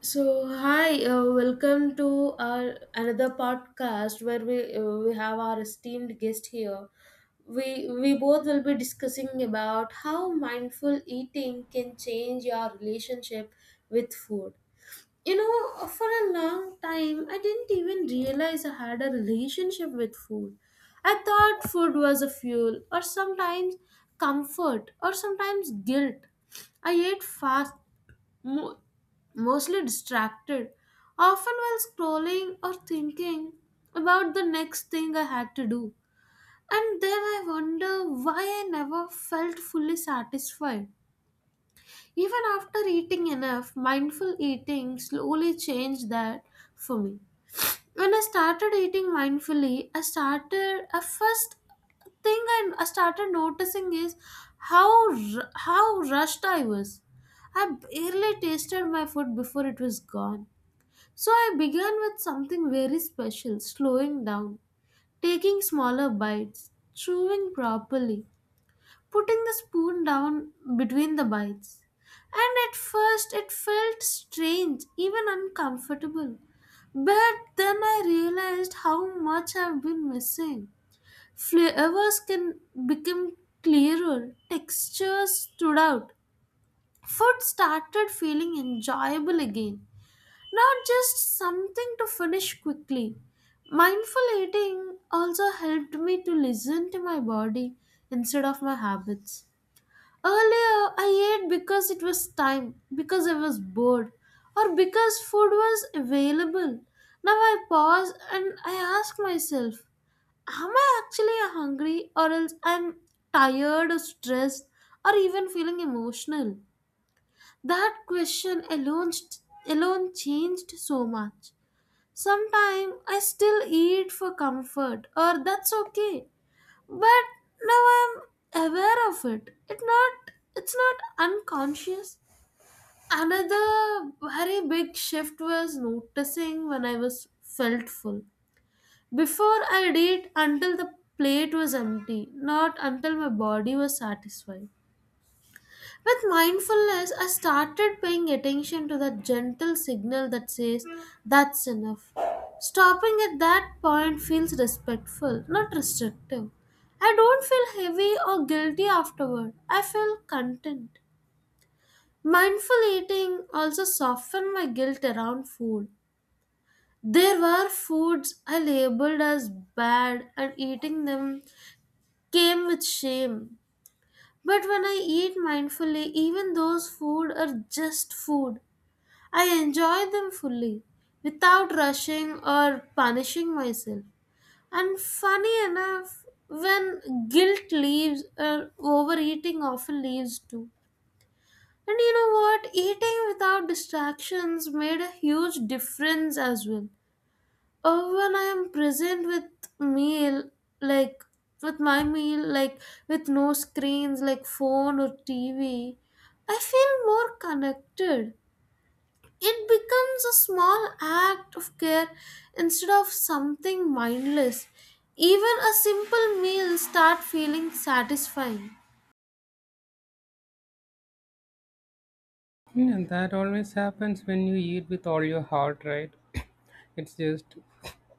So hi, welcome to our another podcast where we have our esteemed guest here. We both will be discussing about how mindful eating can change your relationship with food. You know, for a long time, I didn't even realize I had a relationship with food. I thought food was a fuel, or sometimes comfort, or sometimes guilt. I ate fast mo- mostly distracted, often while scrolling or thinking about the next thing I had to do. And then I wonder why I never felt fully satisfied. Even after eating enough, mindful eating slowly changed that for me when I started eating mindfully, I started a first thing I started noticing is how rushed I was. I barely tasted my food before it was gone. So I began with something very special, slowing down, taking smaller bites, chewing properly, putting the spoon down between the bites. And at first it felt strange, even uncomfortable. But then I realized how much I've been missing. Flavors can become clearer, textures stood out. Food started feeling enjoyable again, not just something to finish quickly. Mindful eating also helped me to listen to my body instead of my habits. Earlier, I ate because it was time, because I was bored, or because food was available. Now I pause and I ask myself, am I actually hungry, or else I'm tired or stressed, or even feeling emotional? That question alone, Alone changed so much. Sometimes I still eat for comfort, or that's okay. But now I'm aware of it. It not it's not unconscious. Another very big shift was noticing when I was felt full. Before I'd eat until the plate was empty, not until my body was satisfied. With mindfulness, I started paying attention to that gentle signal that says, that's enough. Stopping at that point feels respectful, not restrictive. I don't feel heavy or guilty afterward. I feel content. Mindful eating also softened my guilt around food. There were foods I labeled as bad, and eating them came with shame. But when I eat mindfully, even those food are just food. I enjoy them fully without rushing or punishing myself. And funny enough, when guilt leaves, overeating often leaves too. And you know what? Eating without distractions made a huge difference as well. When I am present with meal, like with my meal, like with no screens, like phone or TV, I feel more connected it becomes a small act of care instead of something mindless. Even a simple meal start feeling satisfying. Yeah, and that always happens when you eat with all your heart, right? It's just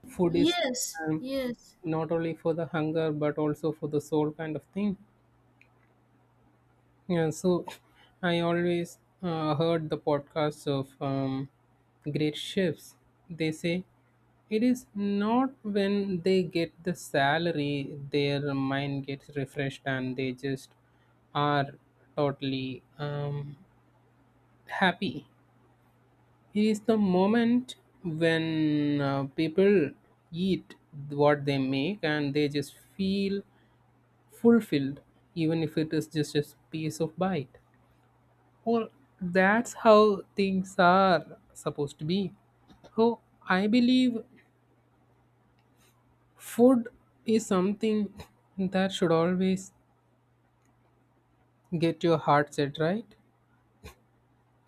food is Yes, um, yes, not only for the hunger but also for the soul kind of thing. Yeah, so I always heard the podcasts of great chefs. They say it is not when they get the salary their mind gets refreshed and they just are totally happy is the moment when people eat what they make and they just feel fulfilled, even if it is just a piece of bite. Well, that's how things are supposed to be. So, I believe food is something that should always get your heart set right.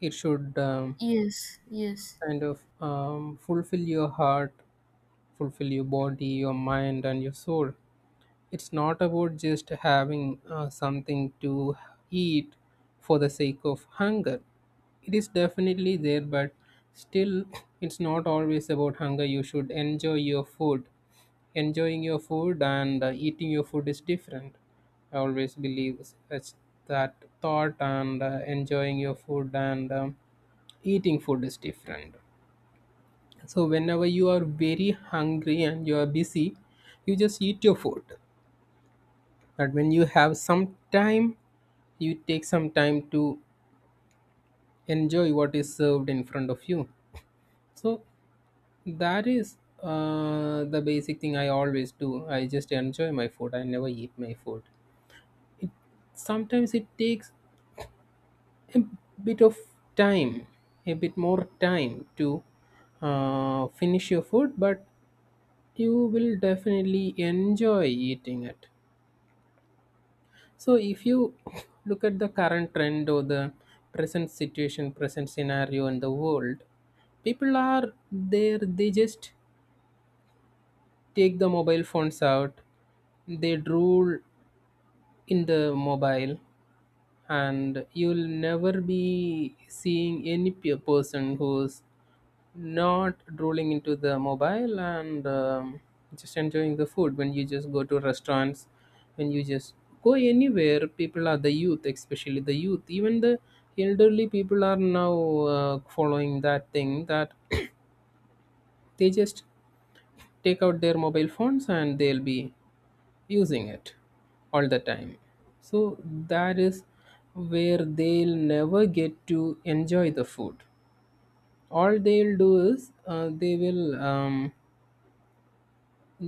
It should yes, yes, kind of fulfill your heart, fulfill your body, your mind, and your soul. It's not about just having something to eat for the sake of hunger. It is definitely there, but still, it's not always about hunger. You should enjoy your food. Enjoying your food and eating your food is different. I always believe such that thought and enjoying your food and eating food is different. So whenever you are very hungry and you are busy, you just eat your food that when you have some time you take some time to enjoy what is served in front of you. So that is the basic thing I always do. I just enjoy my food, I never eat my food. It, sometimes it takes a bit of time, a bit more time to finish your food, but you will definitely enjoy eating it. So, if you look at the current trend or the present situation, present scenario in the world, people are there, they just take the mobile phones out, they drool in the mobile, and you'll never be seeing any person who's not rolling into the mobile and just enjoying the food. When you just go to restaurants, when you just go anywhere, people are the youth, especially the youth, even the elderly people are now following that thing. That they just take out their mobile phones and they'll be using it all the time. So that is where they'll never get to enjoy the food. All they'll do is they will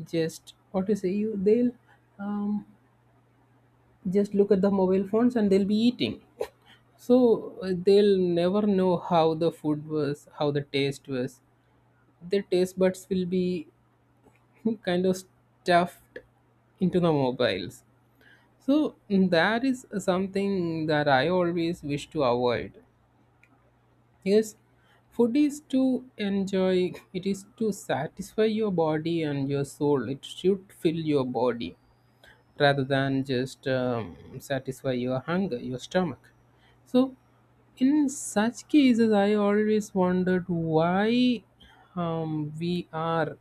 just what to say you, they'll um, just look at the mobile phones and they'll be eating. So they'll never know how the food was, how the taste was. Their taste buds will be kind of stuffed into the mobiles. So that is something that I always wish to avoid. Yes, food is to enjoy, it is to satisfy your body and your soul, it should fill your body rather than just satisfy your hunger, your stomach. So, in such cases, I always wondered why we are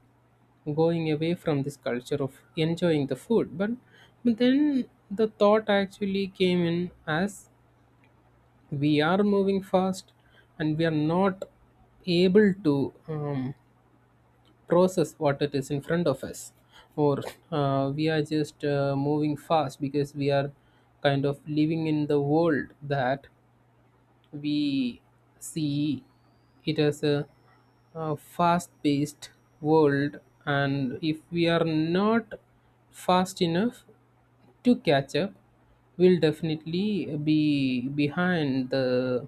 going away from this culture of enjoying the food. But then the thought actually came in as we are moving fast and we are not able to process what it is in front of us, or we are just moving fast because we are kind of living in the world that we see it as a fast paced world, and if we are not fast enough to catch up, we'll definitely be behind the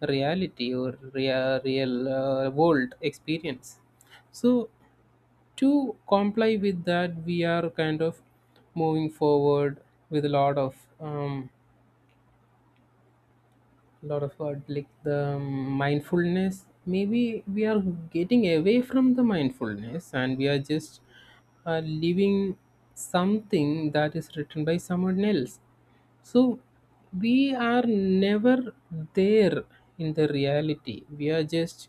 reality or real world experience. So to comply with that, we are kind of moving forward with a lot of what like the mindfulness. Maybe we are getting away from the mindfulness and we are just living something that is written by someone else. So we are never there in the reality, we are just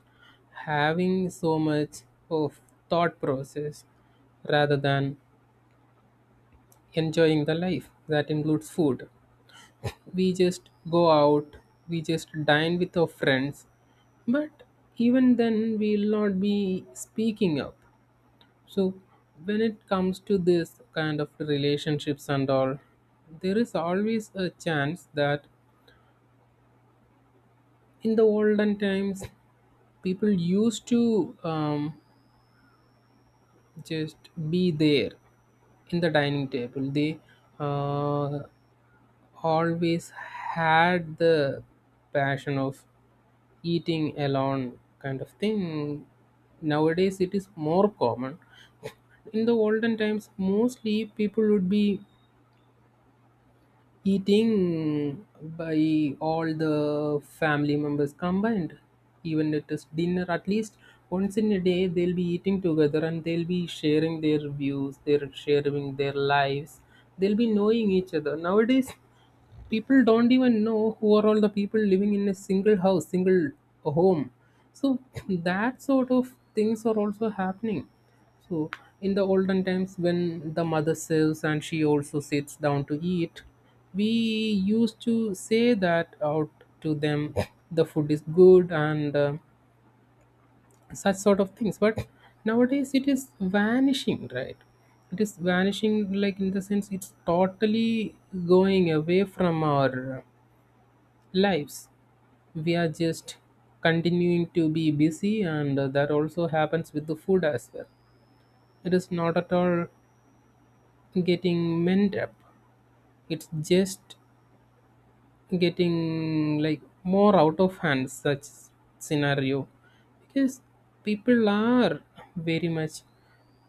having so much of thought process rather than enjoying the life that includes food. We just go out, we just dine with our friends, but even then we'll not be speaking up. So when it comes to this kind of relationships and all, there is always a chance that in the olden times people used to just be there in the dining table. They uh, always had the passion of eating alone kind of thing. Nowadays, it is more common. In the olden times, mostly people would be eating by all the family members combined. Even it is dinner, at least once in a day, they'll be eating together and they'll be sharing their views, they're sharing their lives, they'll be knowing each other. Nowadays, people don't even know who are all the people living in a single house, single home. So that sort of things are also happening. So in the olden times when the mother serves and she also sits down to eat, we used to say that out to them, the food is good and such sort of things. But nowadays it is vanishing, right? It is vanishing, like in the sense it's totally going away from our lives. We are just continuing to be busy, and that also happens with the food as well. It is not at all getting mend up, it's just getting like more out of hand, such scenario, because people are very much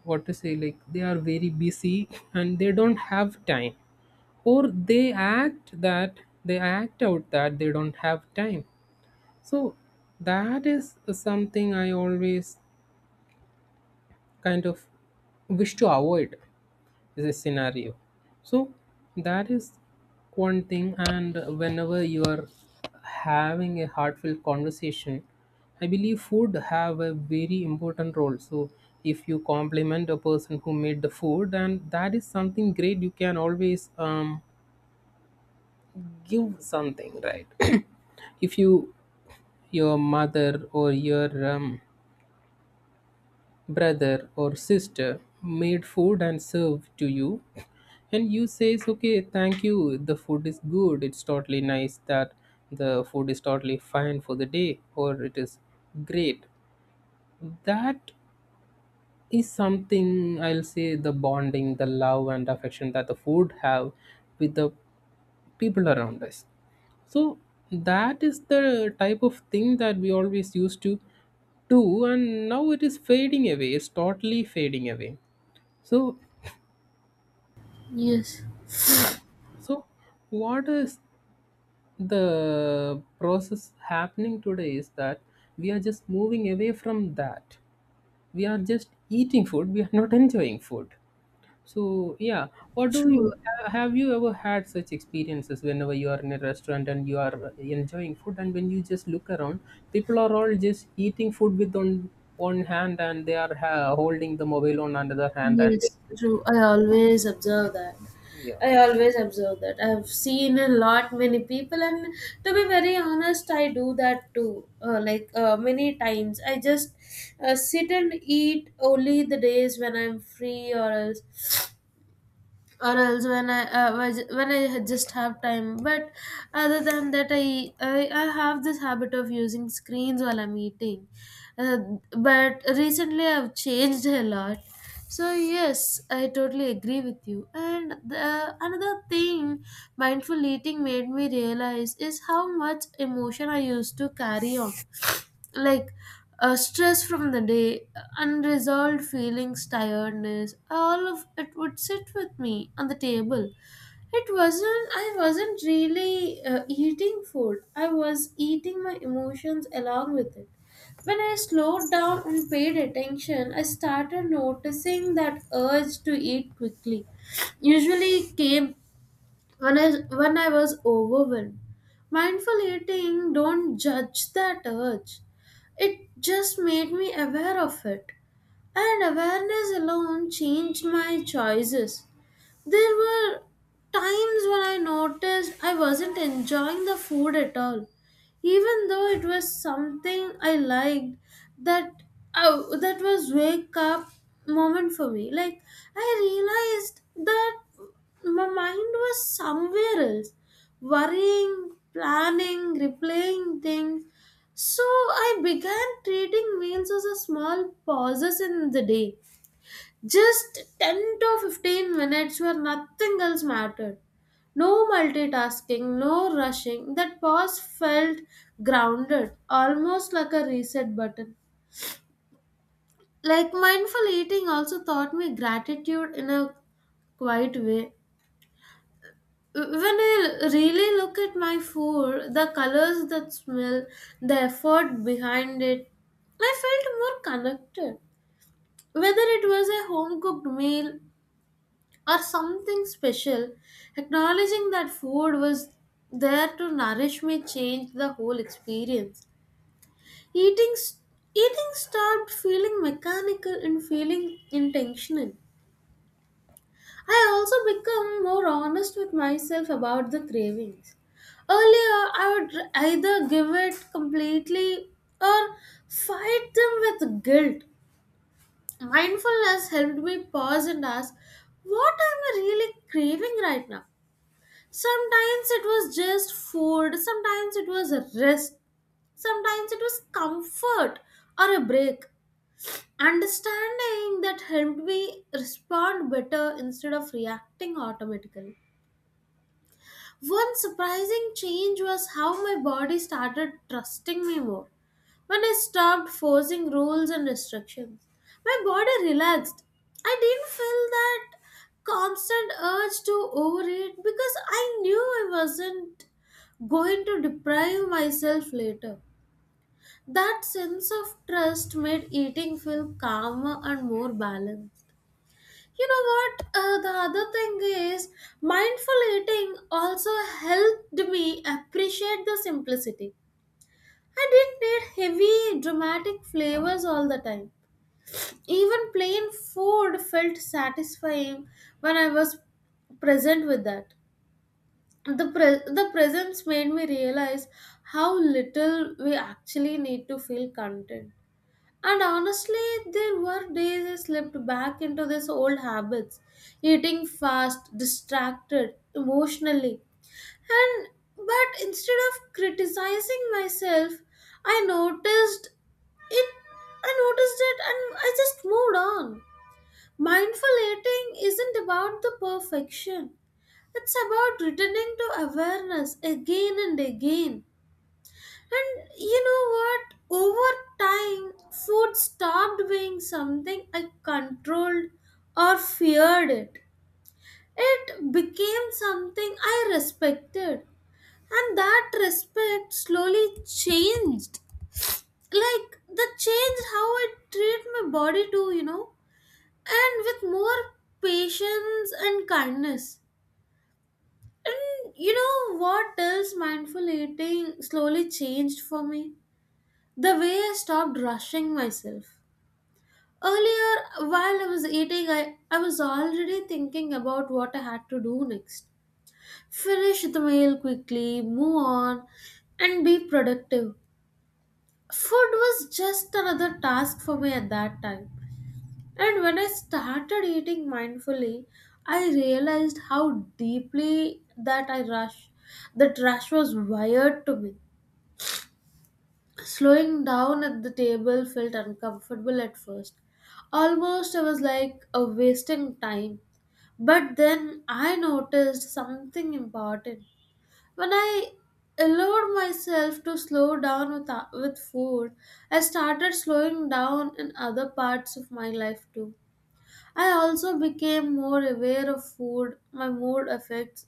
what to say, like they are very busy and they don't have time, or they act that they act out that they don't have time. So that is something I always kind of wish to avoid is a scenario. So that is one thing, and whenever you are having a heartfelt conversation, I believe food have a very important role. So if you compliment a person who made the food, and that is something great, you can always give something, right? If you, your mother or your brother or sister made food and served to you, and you says okay thank you the food is good, it's totally nice, that the food is totally fine for the day or it is great, that is something I'll say, the bonding, the love and affection that the food have with the people around us. So that is the type of thing that we always used to do, and now it is fading away, it's totally fading away. So yeah. yes. So, what is the process happening today is that we are just moving away from that. We are just eating food, we are not enjoying food. So, yeah, what do you True. Have you ever had such experiences whenever you are in a restaurant and you are enjoying food, and when you just look around, people are all just eating food with on one hand and they are holding the mobile on another hand, and Yes, true. I always observe that. yeah, I always observe that. I've seen a lot many people, and to be very honest, I do that too. Many times, I just sit and eat only the days when I'm free, or else when I when I just have time. But other than that, I I have this habit of using screens while I'm eating. Uh, but recently, I've changed a lot. So yes, I totally agree with you. And another thing mindful eating made me realize is how much emotion I used to carry on like stress from the day, unresolved feelings, tiredness, all of it would sit with me on the table. It wasn't, I wasn't really eating food, I was eating my emotions along with it. When I slowed down and paid attention, I started noticing that urge to eat quickly. Usually came when I was overwhelmed. Mindful eating don't judge that urge. It just made me aware of it. And awareness alone changed my choices. There were times when I noticed I wasn't enjoying the food at all, even though it was something I liked. That that was wake up moment for me. Like I realized that my mind was somewhere else, worrying, planning, replaying things. So I began treating meals as a small pauses in the day just 10 to 15 minutes where nothing else mattered. No multitasking, no rushing. That pause felt grounded, almost like a reset button. Like mindful eating also taught me gratitude in a quiet way. When I really look at my food, the colors that smell, the effort behind it, I felt more connected. Whether it was a home cooked meal or something special, acknowledging that food was there to nourish me changed the whole experience. Eating, eating stopped feeling mechanical and feeling intentional. I also become more honest with myself about the cravings. Earlier, I would either give it completely or fight them with guilt. Mindfulness helped me pause and ask, what am I really craving right now? Sometimes it was just food, sometimes it was a rest, sometimes it was comfort or a break. Understanding that helped me respond better instead of reacting automatically. One surprising change was how my body started trusting me more. When I stopped forcing rules and restrictions, my body relaxed. I didn't feel that constant urge to overeat because I knew I wasn't going to deprive myself later. That sense of trust made eating feel calmer and more balanced. You know what? The other thing is, mindful eating also helped me appreciate the simplicity. I didn't need heavy, dramatic flavors all the time. Even plain food felt satisfying when I was present with that. The presence made me realize how little we actually need to feel content. And honestly, there were days I slipped back into these old habits, eating fast, distracted emotionally. And but instead of criticizing myself, I noticed it I noticed it and I just moved on. Mindful eating isn't about the perfection. It's about returning to awareness again and again. And you know what? Over time, food stopped being something I controlled or feared it. It became something I respected. And that respect slowly changed. Like, that changed how I treat my body too, you know? And with more patience and kindness. And you know what else mindful eating slowly changed for me? The way I stopped rushing myself. Earlier, while I was eating, I was already thinking about what I had to do next. Finish the meal quickly, move on, and be productive. Food was just another task for me at that time. And when I started eating mindfully, I realized how deeply that I rush, that rush was wired to me. Slowing down at the table felt uncomfortable at first. Almost I was like wasting time. But then I noticed something important. When I allowed myself to slow down with food, I started slowing down in other parts of my life too. I also became more aware of food, my mood effects,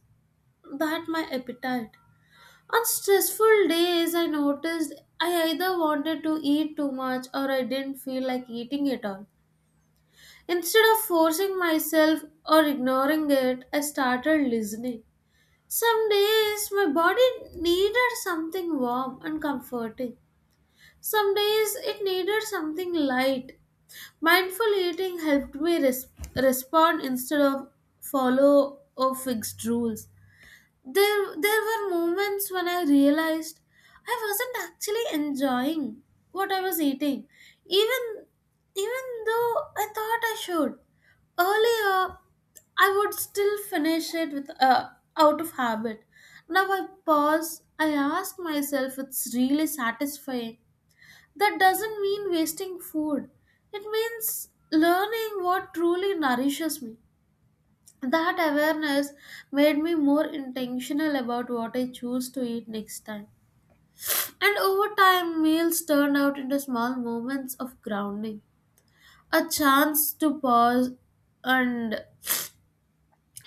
that my appetite. On stressful days, I noticed I either wanted to eat too much or I didn't feel like eating at all. Instead of forcing myself or ignoring it, I started listening. Some days my body needed something warm and comforting. Some days it needed something light. Mindful eating helped me respond instead of follow or fixed rules. There were moments when I realized I wasn't actually enjoying what I was eating, even, even though I thought I should. Earlier, I would still finish it with out of habit. Now I pause. I ask myself, it's really satisfying. That doesn't mean wasting food. It means learning what truly nourishes me. That awareness made me more intentional about what I choose to eat next time. And over time, meals turned out into small moments of grounding, a chance to pause, and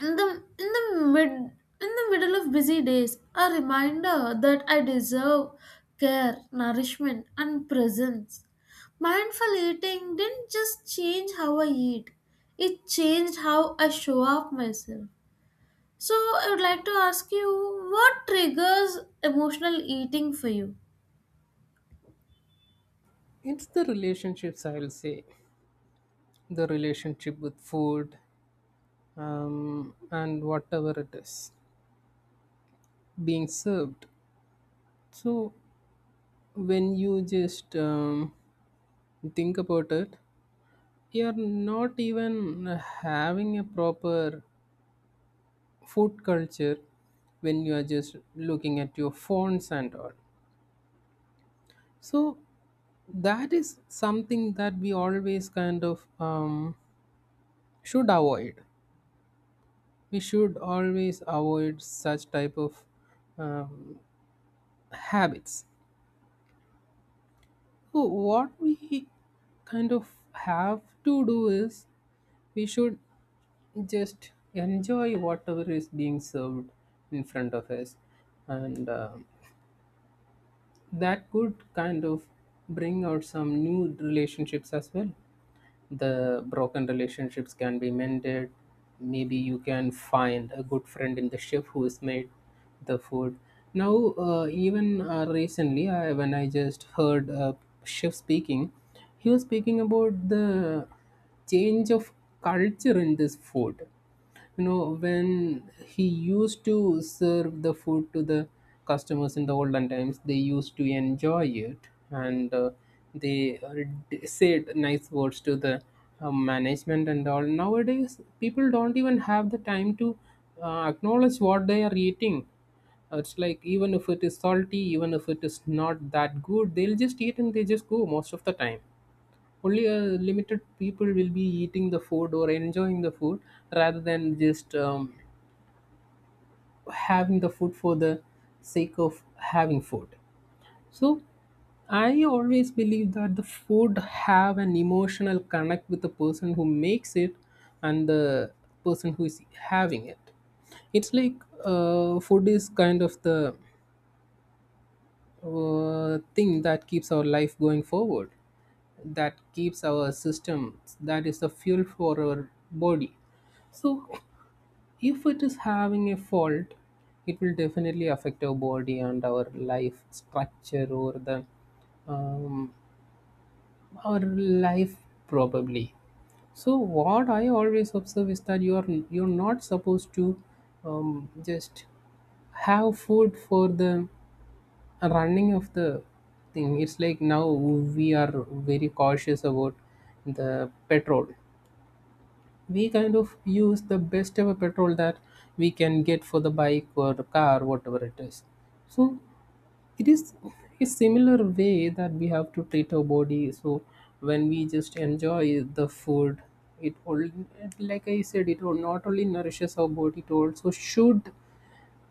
in the in the mid in the middle of busy days, a reminder that I deserve care, nourishment, and presence. Mindful eating didn't just change how I eat; it changed how I show up myself. So, I would like to ask you what triggers emotional eating for you? it's the relationships, I'll say. The relationship with food, and whatever it is being served. So, when you just think about it, you're not even having a proper food culture when you are just looking at your phones and all. So, that is something that we always kind of should avoid. We should always avoid such type of um, habits. So what we kind of have to do is we should just enjoy whatever is being served in front of us, and that could kind of bring out some new relationships as well. The broken relationships can be mended, maybe you can find a good friend in the chef who has made the food. Now even recently I, when I just heard a chef speaking, he was speaking about the change of culture in this food. You know, when he used to serve the food to the customers in the olden times, they used to enjoy it and they said nice words to the management and all. Nowadays people don't even have the time to acknowledge what they are eating. It's like even if it is salty, even if it is not that good, they'll just eat and they just go. Most of the time only a limited people will be eating the food or enjoying the food rather than just having the food for the sake of having food. So I always believe that the food have an emotional connect with the person who makes it and the person who is having it. It's like food is kind of the thing that keeps our life going forward, that keeps our system, that is the fuel for our body. So if it is having a fault, it will definitely affect our body and our life structure or the um, our life probably. So what I always observe is that you are, you're not supposed to just have food for the running of the thing. It's like now we are very cautious about the petrol, we kind of use the best ever petrol that we can get for the bike or the car whatever it is. So it is a similar way that we have to treat our body. So when we just Enjoy the food. It all, like I said, it will not only nourishes our body, it also should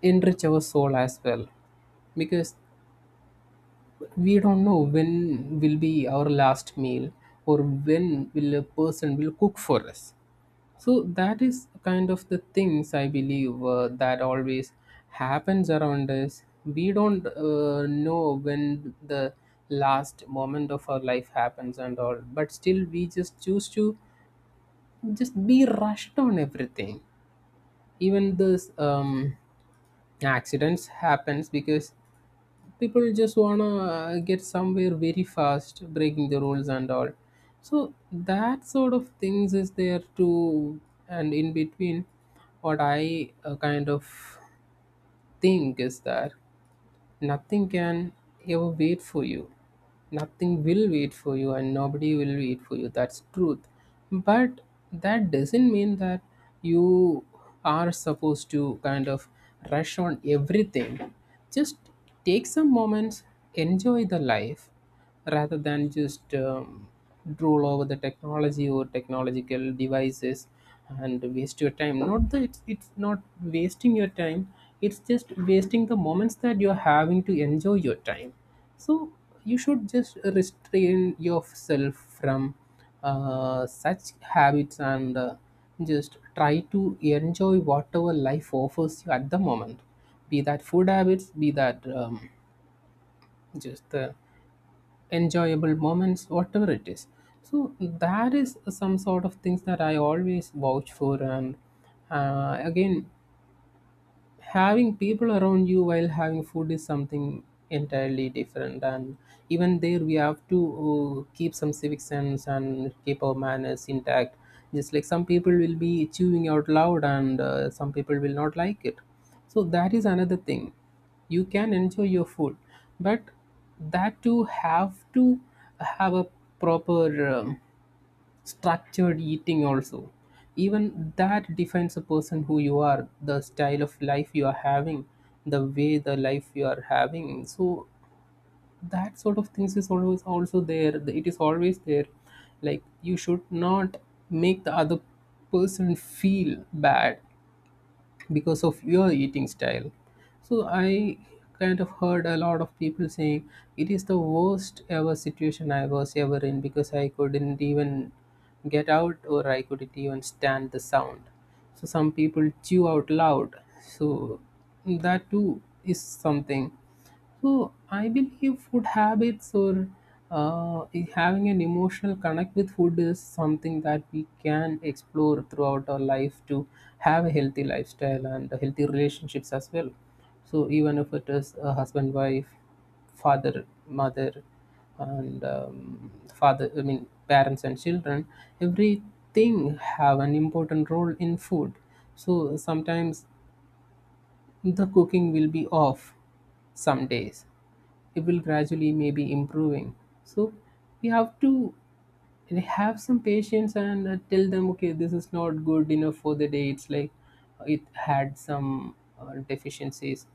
enrich our soul as well, because we don't know when will be our last meal or when will a person will cook for us. So that is kind of the things I believe, that always happens around us. We don't know when the last moment of our life happens and all, but still we just choose to just be rushed on everything. Even this accidents happens because people just wanna get somewhere very fast, breaking the rules and all. So that sort of things is there too. And in between, what I kind of think is that nothing can ever wait for you. Nothing will wait for you, and nobody will wait for you. That's truth. But that doesn't mean that you are supposed to kind of rush on everything. Just take some moments, enjoy the life, rather than just drool over the technology or technological devices and waste your time. Not that it's not wasting your time, it's just wasting the moments that you're having to enjoy your time. So you should just restrain yourself from such habits, and just try to enjoy whatever life offers you at the moment. Be that food habits, be that just the enjoyable moments, whatever it is. So that is some sort of things that I always vouch for. And again, having people around you while having food is something entirely different, and even there we have to keep some civic sense and keep our manners intact. Just like some people will be chewing out loud and some people will not like it. So that is another thing. You can enjoy your food, but that too have to have a proper structured eating also. Even that defines a person, who you are, the style of life you are having, the way the life you are having. So that sort of things is always also there. It is always there. Like, you should not make the other person feel bad because of your eating style. So I kind of heard a lot of people saying it is the worst ever situation I was ever in, because I couldn't even get out or I couldn't even stand the sound. So some people chew out loud. So that too is something. So I believe food habits, or uh, having an emotional connect with food, is something that we can explore throughout our life to have a healthy lifestyle and healthy relationships as well. So even if it is a husband, wife, father, mother, and father, I mean parents and children, everything have an important role in food. So sometimes the cooking will be off some days. It will gradually maybe improving. So we have to have some patience and tell them, okay, this is not good enough for the day. It's like it had some deficiencies,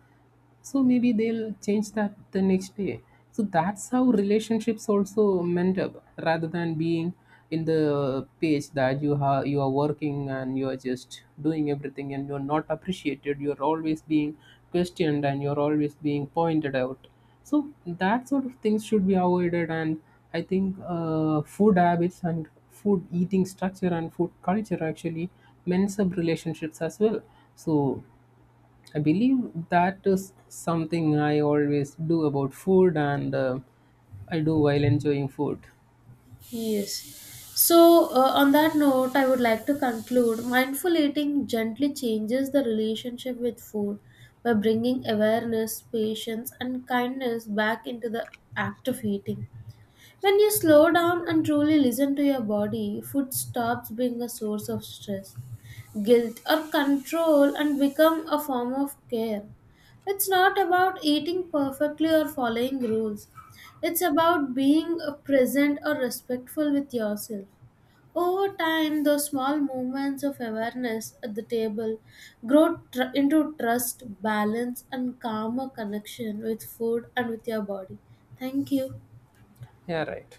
so maybe they'll change that the next day. So that's how relationships also mend up, rather than being in the page that you have, you are working and you are just doing everything, and you're not appreciated, you're always being questioned and you're always being pointed out. So that sort of things should be avoided. And I think food habits and food eating structure and food culture actually mends up relationships as well. So I believe that is something I always do about food, and I do while enjoying food. Yes. So, on that note, I would like to conclude mindful eating gently changes the relationship with food by bringing awareness, patience, and kindness back into the act of eating. When you slow down and truly listen to your body, food stops being a source of stress, guilt, or control and become a form of care. It's not about eating perfectly or following rules. It's about being present or respectful with yourself. Over time, those small moments of awareness at the table into trust, balance, and calmer connection with food and with your body. Thank you. Yeah, right.